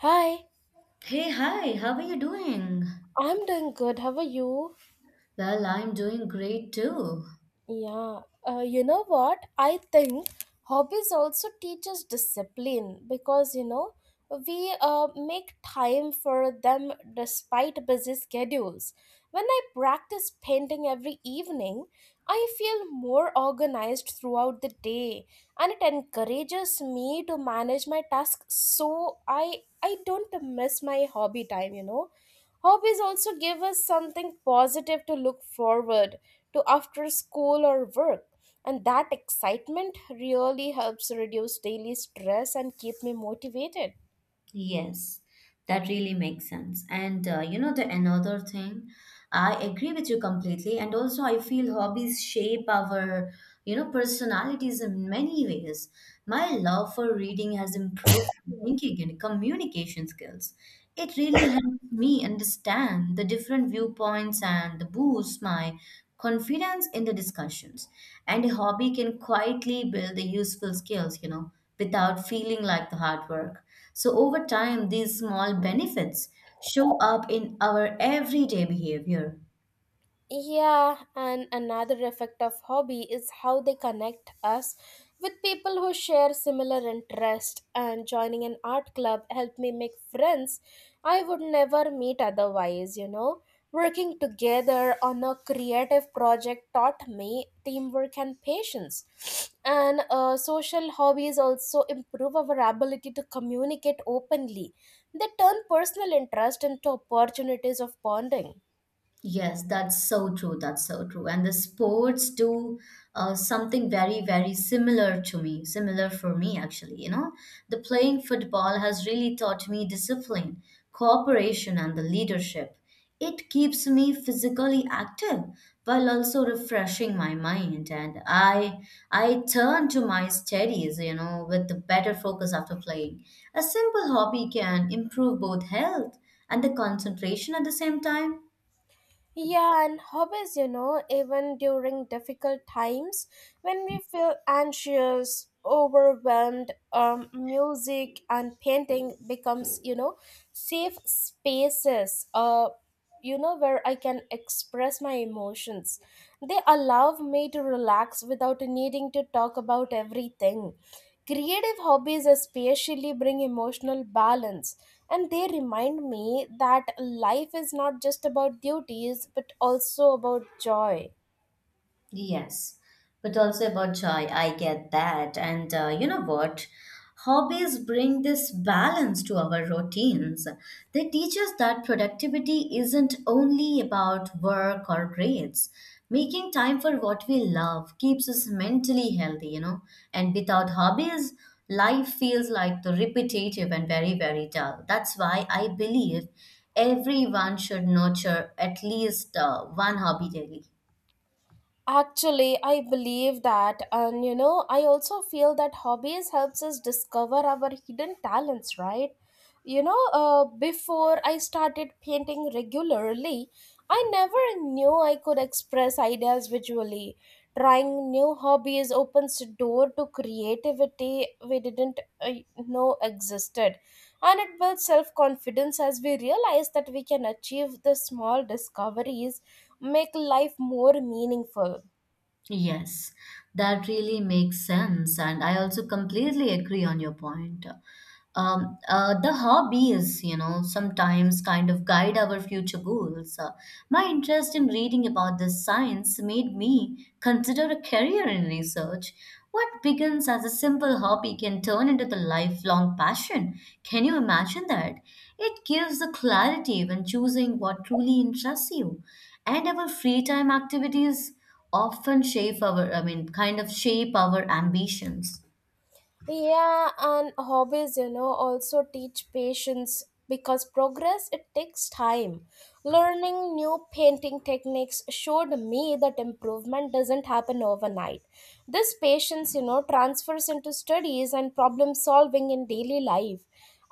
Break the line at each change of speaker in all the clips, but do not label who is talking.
Hi,
Hey, hi, how are you doing?
I'm doing good. How are you?
Well, I'm doing great too.
Yeah, you know what? I think hobbies also teach us discipline because, you know, we make time for them despite busy schedules. When I practice painting every evening, I feel more organized throughout the day and it encourages me to manage my tasks so I don't miss my hobby time. Hobbies also give us something positive to look forward to after school or work, and that excitement really helps reduce daily stress and keep me motivated.
Yes, that really makes sense. And you know, the another thing, I agree with you completely. And also, I feel hobbies shape our personalities in many ways. My love for reading has improved my thinking and communication skills. It really helps me understand the different viewpoints and boosts my confidence in the discussions. And a hobby can quietly build the useful skills without feeling like the hard work, so over time these small benefits show up in our everyday behavior.
Yeah, and another effect of hobby is how they connect us with people who share similar interest and joining an art club helped me make friends I would never meet otherwise. Working together on a creative project taught me teamwork and patience. And social hobbies also improve our ability to communicate openly. They turn personal interest into opportunities of bonding.
Yes, that's so true. That's so true. And the sports do something very similar to me, similar for me, actually. You know, the playing football has really taught me discipline, cooperation, and the leadership. It keeps me physically active while also refreshing my mind. And I turn to my studies, you know, with the better focus after playing. A simple hobby can improve both health and the concentration at the same time.
Yeah, and hobbies, even during difficult times when we feel anxious, overwhelmed, music and painting becomes, safe spaces, where I can express my emotions. They allow me to relax without needing to talk about everything. Creative hobbies especially bring emotional balance, and they remind me that life is not just about duties but also about joy.
Yes, but also about joy. I get that. And you know what? Hobbies bring this balance to our routines. They teach us that productivity isn't only about work or grades. Making time for what we love keeps us mentally healthy, you know. And without hobbies, life feels like the repetitive and very dull. That's why I believe everyone should nurture at least one hobby daily.
Actually, I believe that, and I also feel that hobbies helps us discover our hidden talents, right? Before I started painting regularly, I never knew I could express ideas visually. Trying new hobbies opens the door to creativity we didn't know existed, and it builds self confidence as we realize that we can achieve the small discoveries make life more meaningful.
Yes, that really makes sense. And I also completely agree on your point. The hobbies, you know, sometimes kind of guide our future goals. My interest in reading about this science made me consider a career in research. What begins as a simple hobby can turn into the lifelong passion. Can you imagine that? It gives the clarity when choosing what truly interests you. And our free time activities often shape our, I mean, kind of shape our ambitions.
Yeah, and hobbies, also teach patience because progress it takes time. Learning new painting techniques showed me that improvement doesn't happen overnight. This patience, transfers into studies and problem solving in daily life.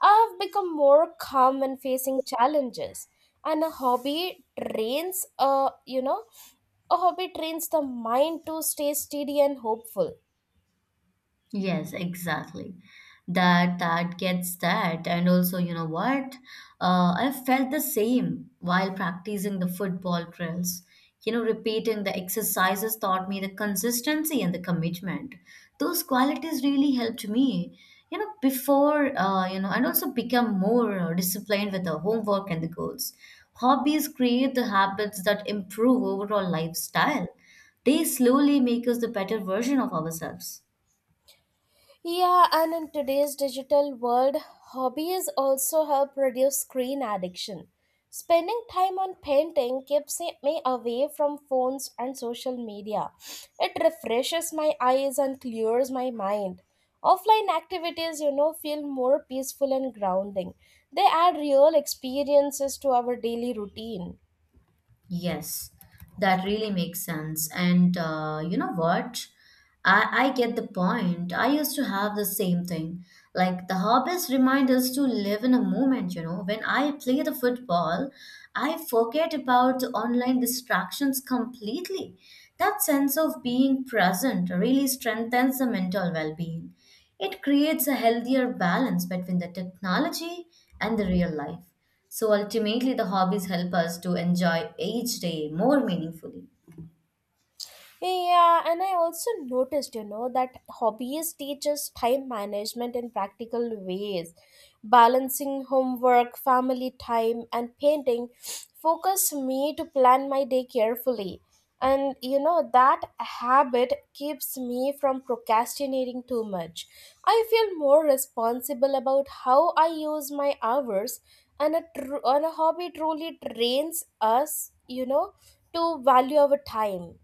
I've become more calm when facing challenges, and a hobby trains, you know, a hobby trains the mind to stay steady and hopeful.
Yes, exactly. That gets that. And also, you know what? I felt the same while practicing the football drills. You know, repeating the exercises taught me the consistency and the commitment. Those qualities really helped me, you know, and also become more disciplined with the homework and the goals. Hobbies create the habits that improve overall lifestyle. They slowly make us the better version of ourselves.
Yeah, and in today's digital world, hobbies also help reduce screen addiction. Spending time on painting keeps me away from phones and social media. It refreshes my eyes and clears my mind. Offline activities, feel more peaceful and grounding. They add real experiences to our daily routine.
Yes, that really makes sense. And you know what? I get the point. I used to have the same thing, like the hobbies remind us to live in a moment, you know. When I play the football, I forget about the online distractions completely. That sense of being present really strengthens the mental well being. It creates a healthier balance between the technology and the real life. So ultimately, the hobbies help us to enjoy each day more meaningfully.
Yeah, and I also noticed, that hobbies teaches time management in practical ways. Balancing homework, family time, and painting focus me to plan my day carefully. And that habit keeps me from procrastinating too much. I feel more responsible about how I use my hours, and and a hobby truly trains us, to value our time.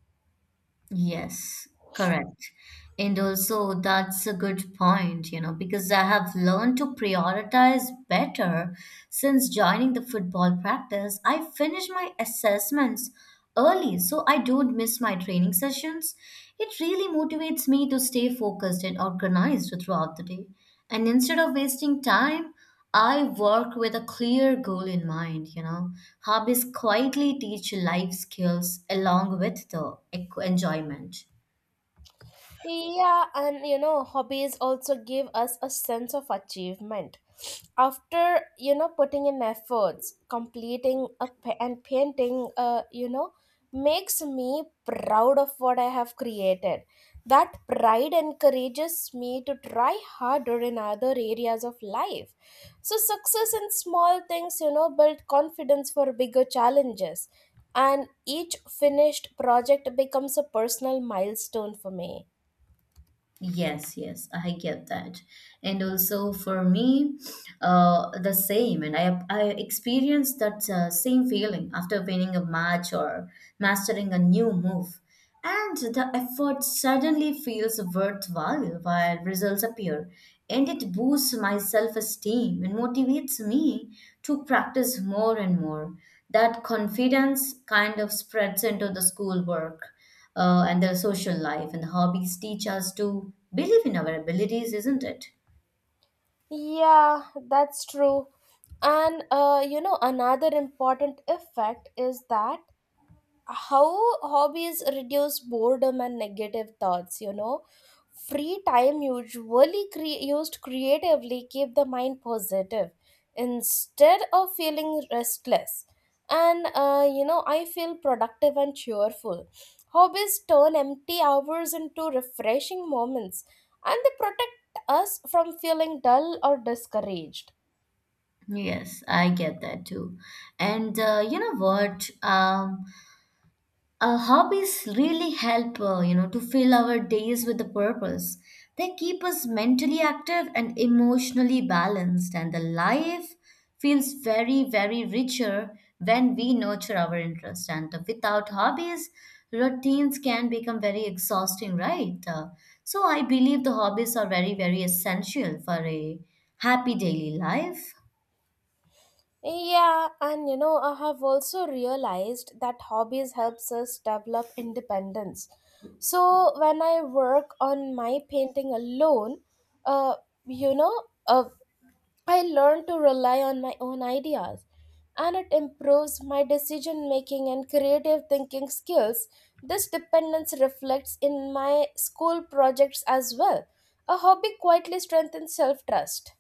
Yes, correct. And also, that's a good point, you know, because I have learned to prioritize better since joining the football practice. I finish my assessments early so I don't miss my training sessions. It really motivates me to stay focused and organized throughout the day. And instead of wasting time, I work with a clear goal in mind, you know. Hobbies quietly teach life skills along with the enjoyment.
Yeah, and hobbies also give us a sense of achievement. After putting in efforts, completing and painting, makes me proud of what I have created. That pride encourages me to try harder in other areas of life. So, success in small things, build confidence for bigger challenges. And each finished project becomes a personal milestone for me.
Yes, yes, I get that. And also for me, the same. And I experienced that same feeling after winning a match or mastering a new move. And the effort suddenly feels worthwhile while results appear. And it boosts my self-esteem and motivates me to practice more and more. That confidence kind of spreads into the schoolwork and their social life, and the hobbies teach us to believe in our abilities, isn't it?
Yeah, that's true. And you know, another important effect is that how hobbies reduce boredom and negative thoughts. Free time usually used creatively keep the mind positive instead of feeling restless, and I feel productive and cheerful. Hobbies turn empty hours into refreshing moments, and they protect us from feeling dull or discouraged.
Yes, I get that too. And you know what? Hobbies really help, you know, to fill our days with a purpose. They keep us mentally active and emotionally balanced, and the life feels very richer when we nurture our interest. And without hobbies, routines can become very exhausting, right? So I believe the hobbies are very essential for a happy daily life.
Yeah, and I have also realized that hobbies helps us develop independence. So when I work on my painting alone, uh, you know, uh, I learn to rely on my own ideas, and it improves my decision making and creative thinking skills. This dependence reflects in my school projects as well. A hobby quietly strengthens self trust.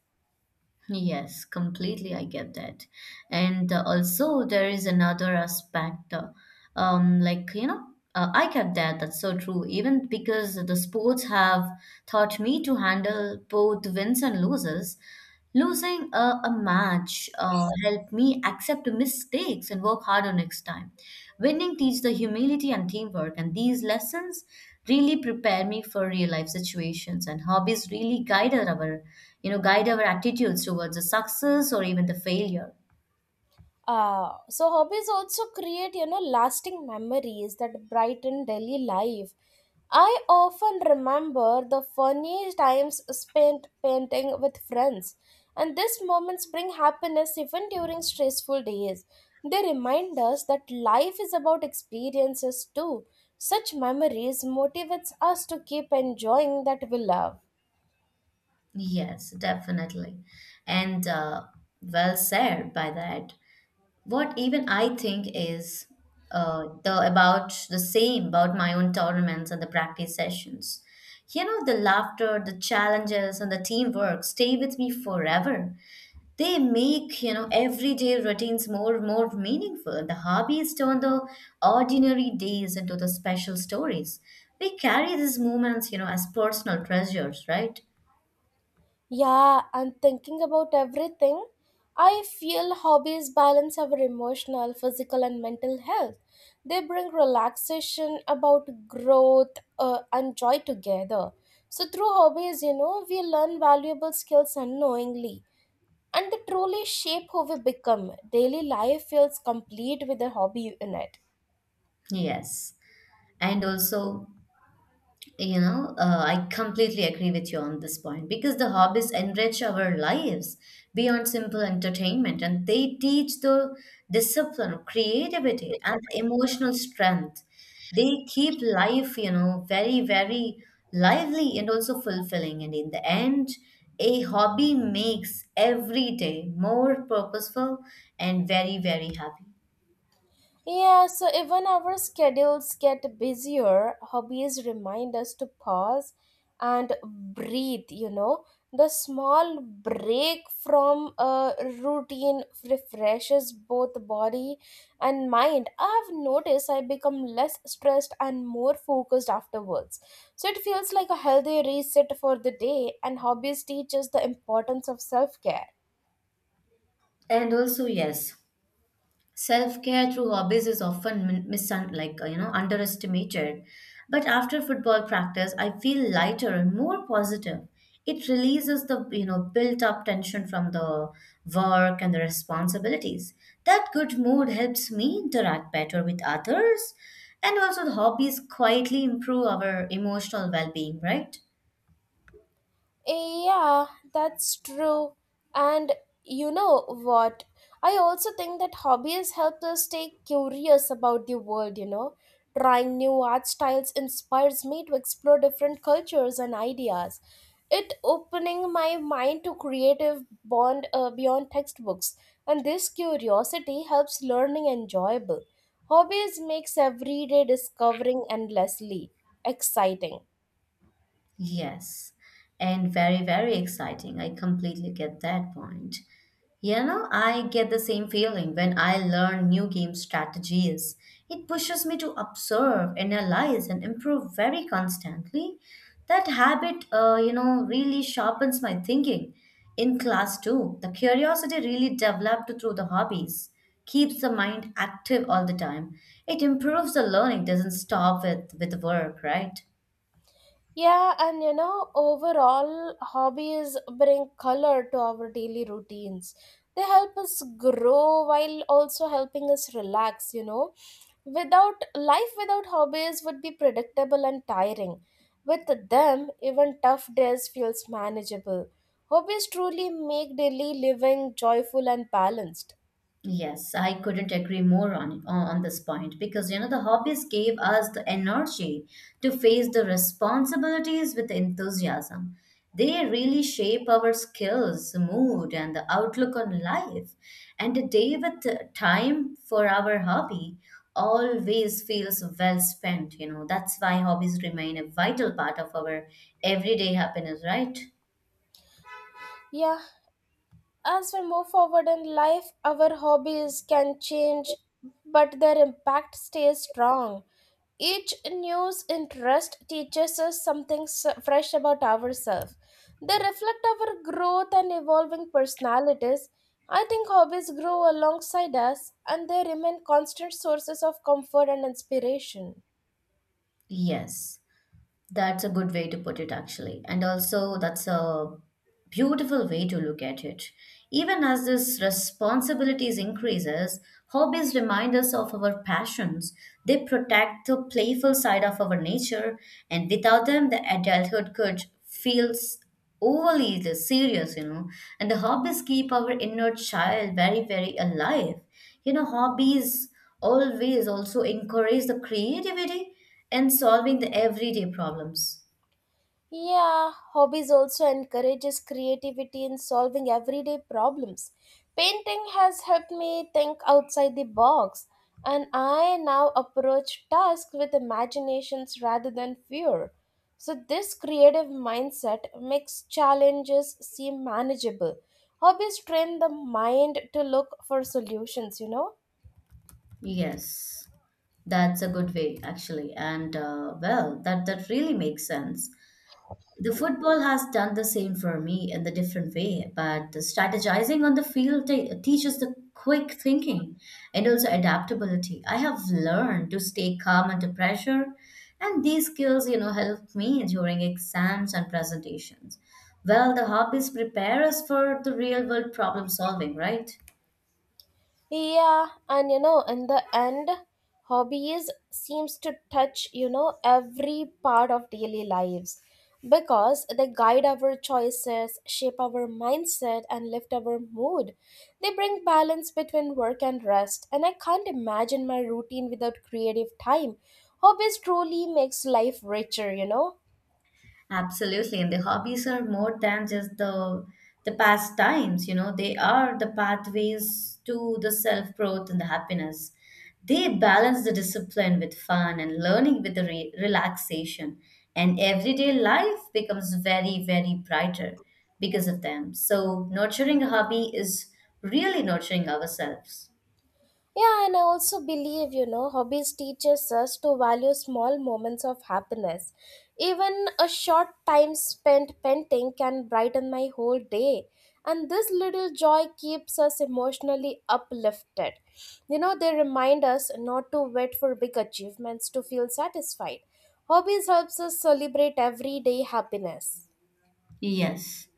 Yes, completely. I get that. And also, there is another aspect, like, you know, I get that. That's so true. Even because the sports have taught me to handle both wins and losses. Losing a match helped me accept mistakes and work harder next time. Winning teaches the humility and teamwork, and these lessons really prepare me for real life situations. And hobbies really guide our, you know, guide our attitudes towards the success or even the failure.
So hobbies also create, lasting memories that brighten daily life. I often remember the funny times spent painting with friends, and these moments bring happiness even during stressful days. They remind us that life is about experiences too. Such memories motivates us to keep enjoying that we love.
Yes, definitely, and well said by that. What even I think is the about the same about my own tournaments and the practice sessions. You know, the laughter, the challenges, and the teamwork stay with me forever. They make, you know, everyday routines more meaningful. The hobbies turn the ordinary days into the special stories. We carry these moments, you know, as personal treasures, right?
Yeah, and thinking about everything, I feel hobbies balance our emotional, physical, and mental health. They bring relaxation, about growth, and joy together. So, through hobbies, we learn valuable skills unknowingly, and they truly shape who we become. Daily life feels complete with a hobby in it.
Yes, and also, you know, I completely agree with you on this point because the hobbies enrich our lives beyond simple entertainment, and they teach the discipline, creativity, and emotional strength. They keep life, you know, very lively and also fulfilling. And in the end, a hobby makes every day more purposeful and very happy.
Yeah, so even our schedules get busier, hobbies remind us to pause and breathe. The small break from a routine refreshes both body and mind. I've noticed I become less stressed and more focused afterwards. So it feels like a healthy reset for the day, and hobbies teach us the importance of self care.
And also, yes. Self care through hobbies is often min- misun like you know, underestimated, but after football practice, I feel lighter and more positive. It releases the, you know, built up tension from the work and the responsibilities. That good mood helps me interact better with others, and also the hobbies quietly improve our emotional well-being, right?
Yeah, that's true. And you know what? I also think that hobbies help us stay curious about the world. Trying new art styles inspires me to explore different cultures and ideas. It opening my mind to creative bond beyond textbooks, and this curiosity helps learning enjoyable. Hobbies makes everyday discovering endlessly exciting.
Yes, and very exciting. I completely get that point. You know, I get the same feeling when I learn new game strategies. It pushes me to observe, analyze, and improve very constantly. That habit, you know, really sharpens my thinking. In class too, the curiosity really developed through the hobbies keeps the mind active all the time. It improves the learning, doesn't stop with work, right?
Yeah, and overall, hobbies bring color to our daily routines. They help us grow while also helping us relax. Without life without hobbies would be predictable and tiring. With them, even tough days feels manageable. Hobbies truly make daily living joyful and balanced.
Yes, I couldn't agree more on this point, because you know the hobbies gave us the energy to face the responsibilities with enthusiasm. They really shape our skills, mood, and the outlook on life. And a day with time for our hobby always feels well spent, you know. That's why hobbies remain a vital part of our everyday happiness, right?
Yeah, as we move forward in life, our hobbies can change, but their impact stays strong. Each new interest teaches us something fresh about ourselves. They reflect our growth and evolving personalities. I think hobbies grow alongside us and they remain constant sources of comfort and inspiration.
Yes, that's a good way to put it, actually. And also, that's a beautiful way to look at it. Even as these responsibilities increases, hobbies remind us of our passions. They protect the playful side of our nature, and without them the adulthood could feels overly the serious, you know. And the hobbies keep our inner child very alive, you know. Hobbies always also encourage the creativity in solving the everyday problems.
Yeah, hobbies also encourages creativity in solving everyday problems. Painting has helped me think outside the box, and I now approach tasks with imaginations rather than fear. So this creative mindset makes challenges seem manageable. Hobbies train the mind to look for solutions, you know?
Yes, that's a good way, actually. And well, that really makes sense. The football has done the same for me in the different way, but the strategizing on the field teaches the quick thinking and also adaptability. I have learned to stay calm under pressure, and these skills, you know, help me during exams and presentations. Well, the hobbies prepare us for the real world problem solving, right?
Yeah, and in the end, hobbies seems to touch, every part of daily lives because they guide our choices, shape our mindset, and lift our mood. They bring balance between work and rest, and I can't imagine my routine without creative time. Hobbies truly makes life richer.
Absolutely, and the hobbies are more than just the pastimes, you know. They are the pathways to the self-growth and the happiness. They balance the discipline with fun, and learning with the relaxation, and everyday life becomes very brighter because of them. So, nurturing a hobby is really nurturing ourselves.
Yeah, and I also believe, hobbies teaches us to value small moments of happiness. Even a short time spent painting can brighten my whole day. And this little joy keeps us emotionally uplifted. They remind us not to wait for big achievements to feel satisfied. Hobbies helps us celebrate everyday happiness.
Yes,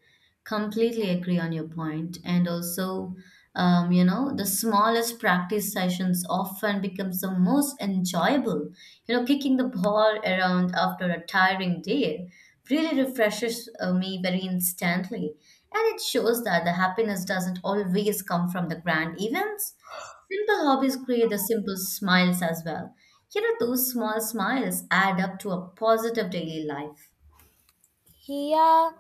completely agree on your point. And also, you know, the smallest practice sessions often becomes the most enjoyable. You know, kicking the ball around after a tiring day really refreshes me very instantly. And it shows that the happiness doesn't always come from the grand events. Simple hobbies create the simple smiles as well. You know, those small smiles add up to a positive daily life.
Yeah,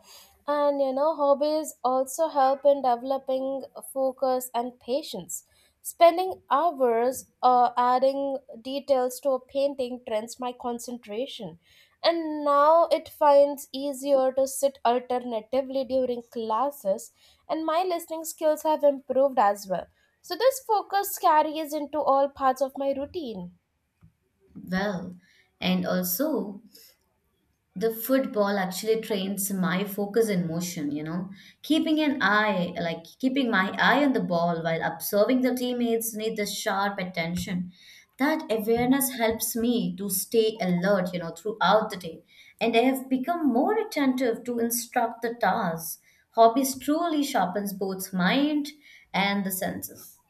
and hobbies also help in developing focus and patience. Spending hours adding details to a painting trains my concentration. And now it finds easier to sit alternatively during classes, and my listening skills have improved as well. So, this focus carries into all parts of my routine.
Well. And also, the football actually trains my focus in motion, you know. Keeping an eye, like keeping my eye on the ball while observing the teammates, need the sharp attention. That awareness helps me to stay alert, you know, throughout the day. And I have become more attentive to instruct the tasks. Hobbies truly sharpens both mind and the senses.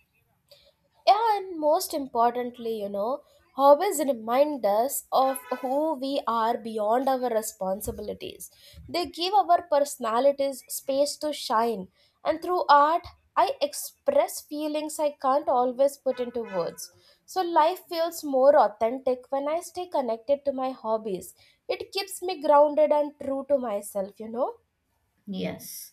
Yeah, and most importantly, hobbies remind us of who we are beyond our responsibilities. They give our personalities space to shine, and through art, I express feelings I can't always put into words. So, life feels more authentic when I stay connected to my hobbies. It keeps me grounded and true to myself.
Yes.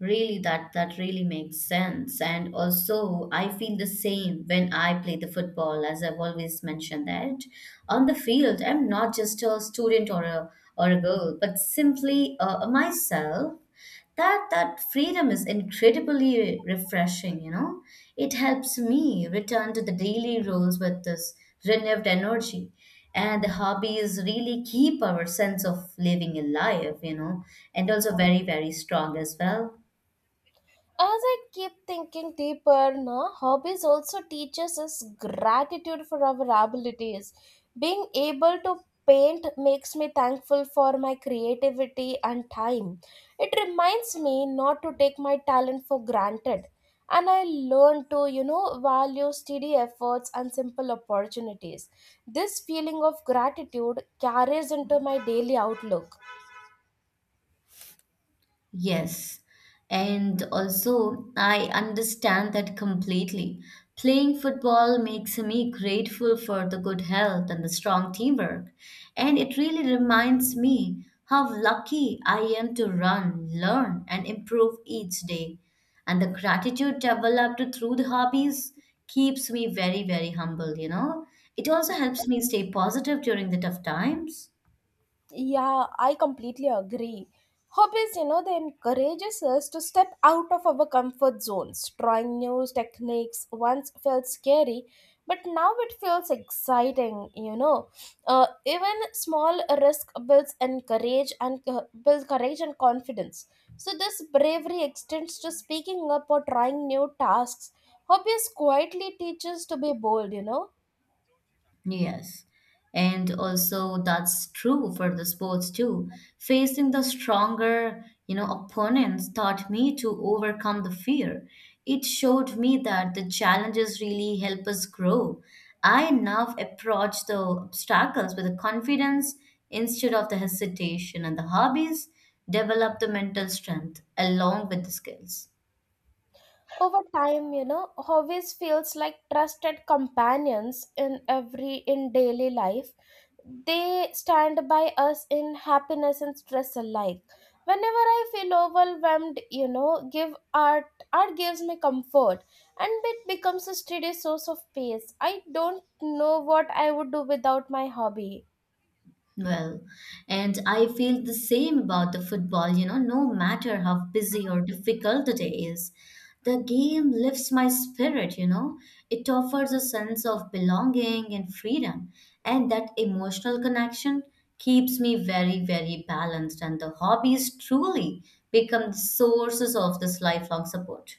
Really, that really makes sense. And also, I feel the same when I play the football, as I've always mentioned, that on the field, I'm not just a student or a girl, but simply myself. That freedom is incredibly refreshing. You know, it helps me return to the daily roles with this renewed energy. And the hobbies really keep our sense of living alive, you know, and also very strong as well.
As I keep thinking deeper, no, hobbies also teaches us gratitude for our abilities. Being able to paint makes me thankful for my creativity and time. It reminds me not to take my talent for granted. And I learn to, value steady efforts and simple opportunities. This feeling of gratitude carries into my daily outlook.
Yes, and also I understand that completely. Playing football makes me grateful for the good health and the strong teamwork. And it really reminds me how lucky I am to run, learn, and improve each day. And the gratitude developed through the hobbies keeps me very, very humble, It also helps me stay positive during the tough times.
Yeah, I completely agree. Hobbies, they encourages us to step out of our comfort zones, trying new techniques. Once felt scary, but now it feels exciting. Even small risk builds and courage and build courage and confidence. So this bravery extends to speaking up or trying new tasks. Hobbies quietly teaches to be bold.
Yes. And also that's true for the sports too. Facing the stronger, opponents taught me to overcome the fear. It showed me that the challenges really help us grow. I now approach the obstacles with the confidence instead of the hesitation, and the hobbies develop the mental strength along with the skills.
Over time, hobbies feels like trusted companions in daily life. They stand by us in happiness and stress alike. Whenever I feel overwhelmed, give art art gives me comfort and it becomes a steady source of peace. I don't know what I would do without my hobby.
Well, and I feel the same about the football, no matter how busy or difficult the day is. The game lifts my spirit. It offers a sense of belonging and freedom, and that emotional connection keeps me very, very balanced. And the hobbies truly become sources of this lifelong support.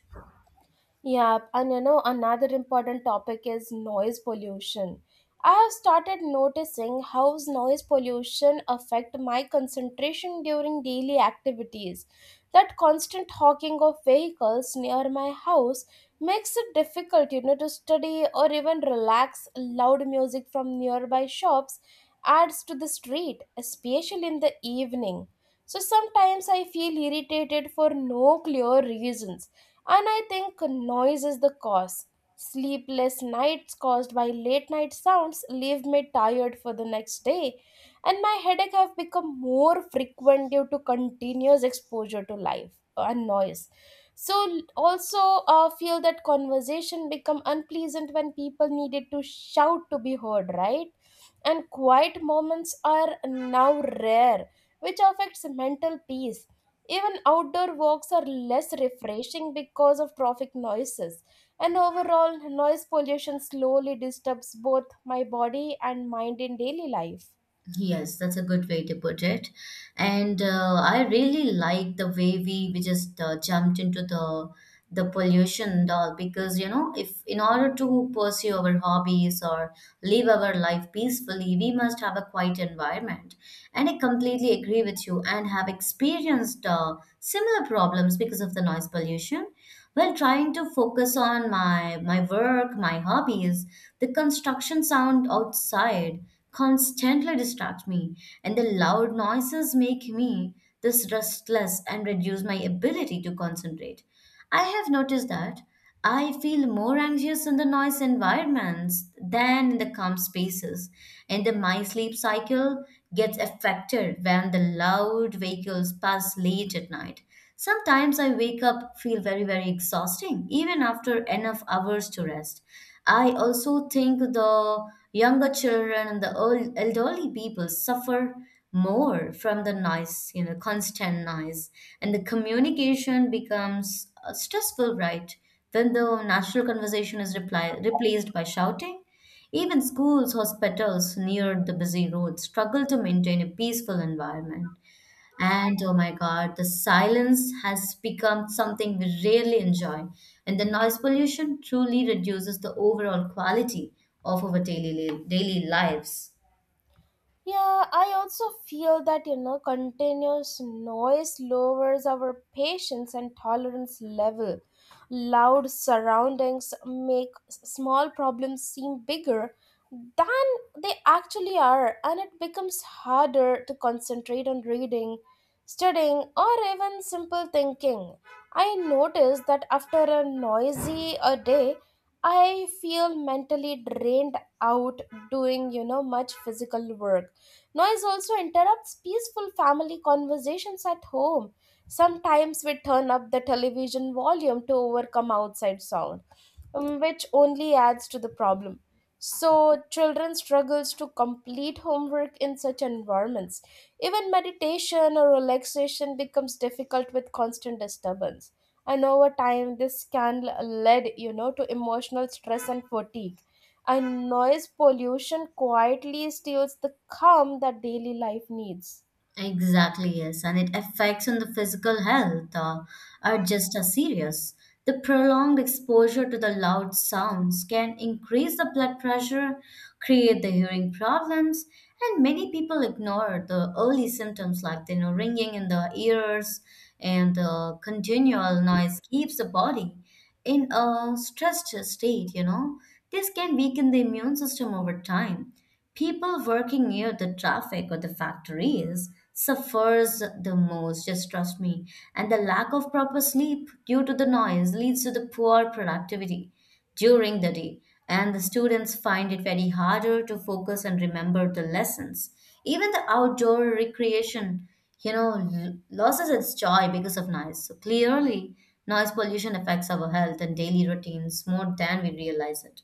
Yeah, and another important topic is noise pollution. I have started noticing how noise pollution affect my concentration during daily activities. That constant honking of vehicles near my house makes it difficult, to study or even relax. Loud music from nearby shops adds to the street, especially in the evening. So sometimes I feel irritated for no clear reasons and I think noise is the cause. Sleepless nights caused by late night sounds leave me tired for the next day, and my headache have become more frequent due to continuous exposure to life and noise. Also, feel that conversation become unpleasant when people needed to shout to be heard, right? And quiet moments are now rare, which affects mental peace. Even outdoor walks are less refreshing because of traffic noises. And overall, noise pollution slowly disturbs both my body and mind in daily life.
Yes, that's a good way to put it. And I really like the way we just jumped into the pollution and all, because you know if in order to pursue our hobbies or live our life peacefully, we must have a quiet environment, and I completely agree with you and have experienced similar problems because of the noise pollution. While trying to focus on my work, my hobbies, the construction sound outside constantly distract me, and the loud noises make me this restless and reduce my ability to concentrate. I have noticed that I feel more anxious in the noise environments than in the calm spaces, and then my sleep cycle gets affected when the loud vehicles pass late at night. Sometimes I wake up feel very, very exhausting even after enough hours to rest. I also think the younger children and the old elderly people suffer more from the noise, constant noise. And the communication becomes stressful, right? Then the natural conversation is replaced by shouting. Even schools, hospitals near the busy roads struggle to maintain a peaceful environment. And oh my God, the silence has become something we rarely enjoy. And the noise pollution truly reduces the overall quality of our daily, daily lives.
Yeah, I also feel that continuous noise lowers our patience and tolerance level. Loud surroundings make small problems seem bigger than they actually are, and it becomes harder to concentrate on reading, studying, or even simple thinking. I notice that after a noisy a day, I feel mentally drained out doing much physical work. Noise also interrupts peaceful family conversations at home. Sometimes we turn up the television volume to overcome outside sound, which only adds to the problem. So children struggles to complete homework in such environments. Even meditation or relaxation becomes difficult with constant disturbance. And over time this can lead to emotional stress and fatigue, and noise pollution quietly steals the calm that daily life needs.
Exactly, yes, and it affects on the physical health are just as serious. The prolonged exposure to the loud sounds can increase the blood pressure, create the hearing problems, and many people ignore the early symptoms like the ringing in the ears, and continual noise keeps the body in a stressed state, you know. This can weaken the immune system over time. People working near the traffic or the factories suffers the most, just trust me. And the lack of proper sleep due to the noise leads to the poor productivity during the day. And the students find it very harder to focus and remember the lessons. Even the outdoor recreation, loses its joy because of noise. So clearly, noise pollution affects our health and daily routines more than we realize it.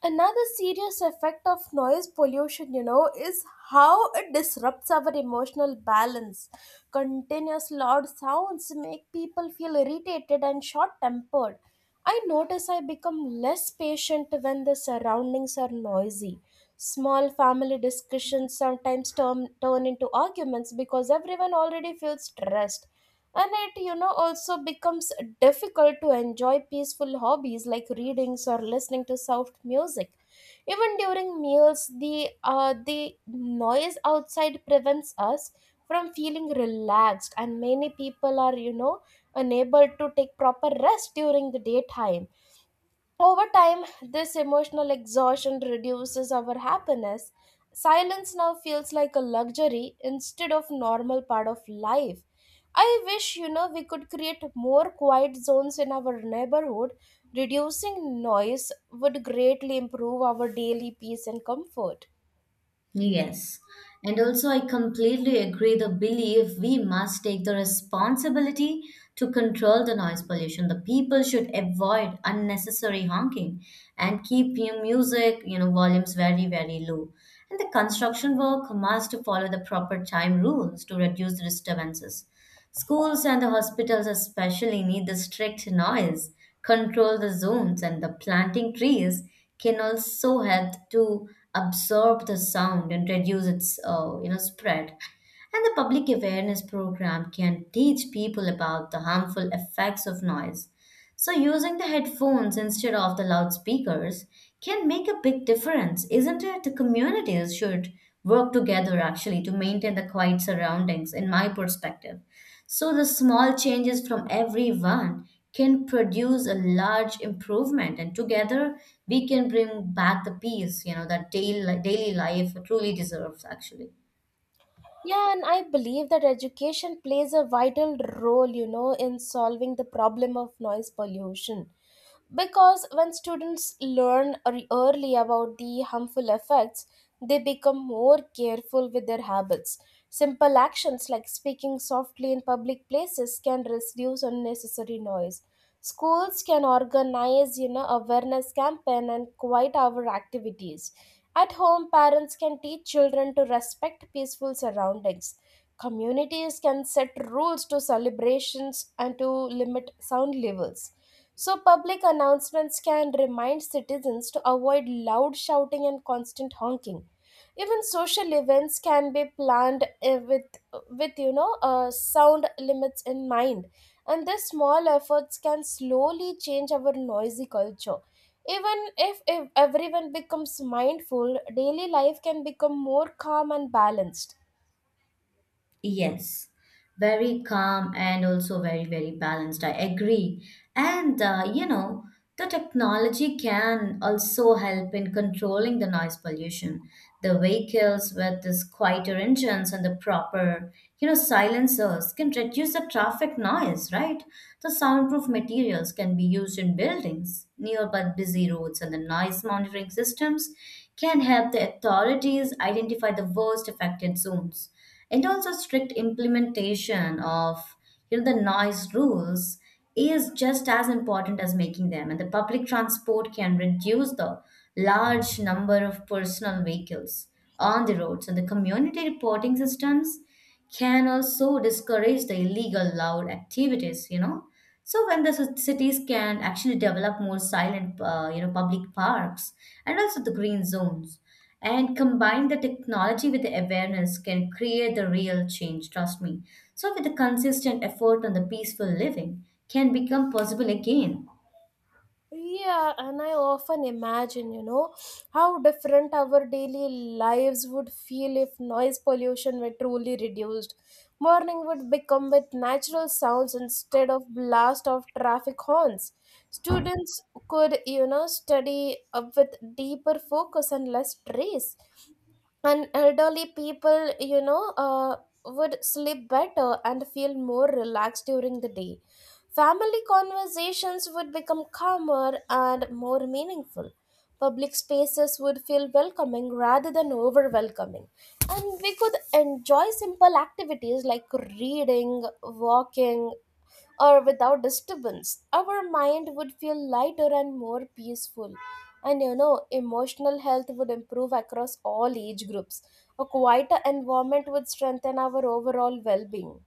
Another serious effect of noise pollution is how it disrupts our emotional balance. Continuous loud sounds make people feel irritated and short tempered. I notice I become less patient when the surroundings are noisy. Small family discussions sometimes turn into arguments because everyone already feels stressed, and it also becomes difficult to enjoy peaceful hobbies like readings or listening to soft music. Even during meals, the noise outside prevents us from feeling relaxed, and many people are unable to take proper rest during the daytime. Over time, this emotional exhaustion reduces our happiness. Silence now feels like a luxury instead of normal part of life. I wish we could create more quiet zones in our neighborhood. Reducing noise would greatly improve our daily peace and comfort.
Yes. And also, I completely agree the belief we must take the responsibility to control the noise pollution. The people should avoid unnecessary honking and keep your music, volumes very, very low. And the construction work must follow the proper time rules to reduce the disturbances. Schools and the hospitals especially need the strict noise control the zones, and the planting trees can also help to absorb the sound and reduce its spread. And the public awareness program can teach people about the harmful effects of noise. So using the headphones instead of the loudspeakers can make a big difference, isn't it? The communities should work together actually to maintain the quiet surroundings in my perspective. So the small changes from everyone can produce a large improvement, and together we can bring back the peace, that daily life truly deserves, actually.
Yeah, and I believe that education plays a vital role in solving the problem of noise pollution, because when students learn early about the harmful effects, they become more careful with their habits. Simple actions like speaking softly in public places can reduce unnecessary noise. Schools can organize awareness campaign and quiet hour activities. At home, parents can teach children to respect peaceful surroundings. Communities can set rules to celebrations and to limit sound levels. So, public announcements can remind citizens to avoid loud shouting and constant honking. Even social events can be planned with sound limits in mind. And these small efforts can slowly change our noisy culture. Even if everyone becomes mindful, daily life can become more calm and balanced.
Yes, very calm and also very, very balanced. I agree. And the technology can also help in controlling the noise pollution. The vehicles with these quieter engines and the proper, silencers can reduce the traffic noise, right? The soundproof materials can be used in buildings nearby busy roads, and the noise monitoring systems can help the authorities identify the worst affected zones. And also, strict implementation of the noise rules is just as important as making them. And the public transport can reduce the large number of personal vehicles on the roads. And the community reporting systems can also discourage the illegal loud activities, so when the cities can actually develop more silent public parks and also the green zones, and combine the technology with the awareness, can create the real change, trust me. So with the consistent effort on the peaceful living can become possible again.
Yeah, and I often imagine how different our daily lives would feel if noise pollution were truly reduced. Morning would become with natural sounds instead of blast of traffic horns. Students could, study up with deeper focus and less stress, and elderly people would sleep better and feel more relaxed during the day. Family conversations would become calmer and more meaningful. Public spaces would feel welcoming rather than overwhelming, and we could enjoy simple activities like reading, walking, or without disturbance. Our mind would feel lighter and more peaceful. And emotional health would improve across all age groups. A quieter environment would strengthen our overall well being.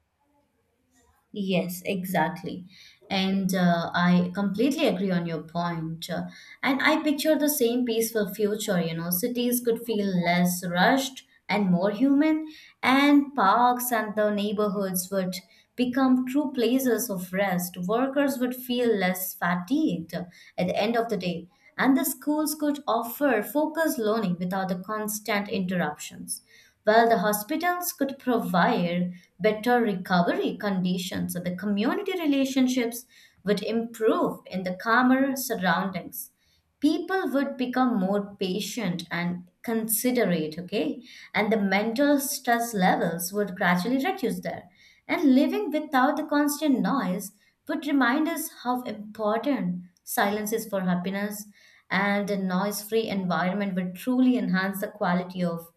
Yes, exactly. And I completely agree on your point. And I picture the same peaceful future, you know. Cities could feel less rushed and more human, and parks and the neighborhoods would become true places of rest. Workers would feel less fatigued at the end of the day, and the schools could offer focused learning without the constant interruptions. While the hospitals could provide better recovery conditions, so the community relationships would improve in the calmer surroundings. People would become more patient and considerate, okay? And the mental stress levels would gradually reduce there. And living without the constant noise would remind us how important silence is for happiness, and a noise free environment would truly enhance the quality of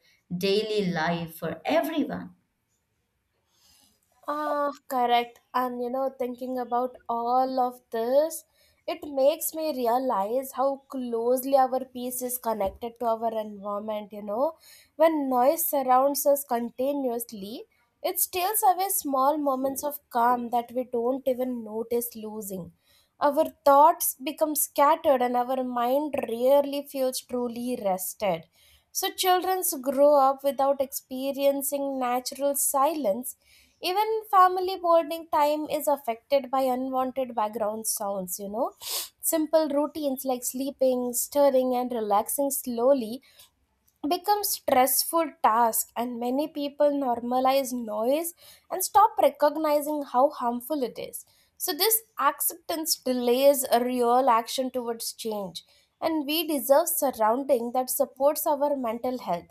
daily life for everyone.
Ah, correct. And thinking about all of this, it makes me realize how closely our peace is connected to our environment. You know, when noise surrounds us continuously, it steals away small moments of calm that we don't even notice losing. Our thoughts become scattered, and our mind rarely feels truly rested. So, children grow up without experiencing natural silence. Even family bonding time is affected by unwanted background sounds, you know. Simple routines like sleeping, stirring, and relaxing slowly become stressful tasks, and many people normalize noise and stop recognizing how harmful it is. So, this acceptance delays a real action towards change, and we deserve surrounding that supports our mental health.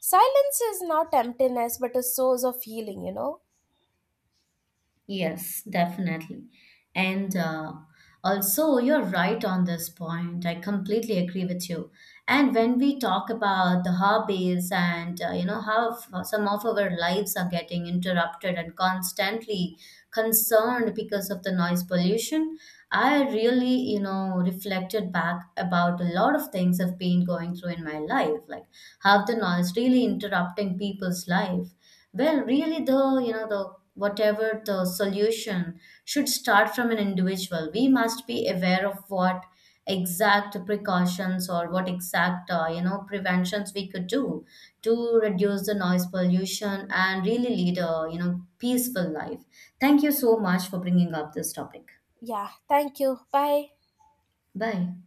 Silence is not emptiness but a source of healing, you know.
Yes, definitely. And also, you're right on this point. I completely agree with you. And when we talk about the hobbies and how some of our lives are getting interrupted and constantly concerned because of the noise pollution, I really reflected back about a lot of things I've been going through in my life, like how the noise really interrupting people's life. Well, really, the you know the whatever the solution should start from an individual. We must be aware of what exact precautions or what exact preventions we could do to reduce the noise pollution and really lead a peaceful life. Thank you so much for bringing up this topic.
Yeah, thank you. Bye.
Bye.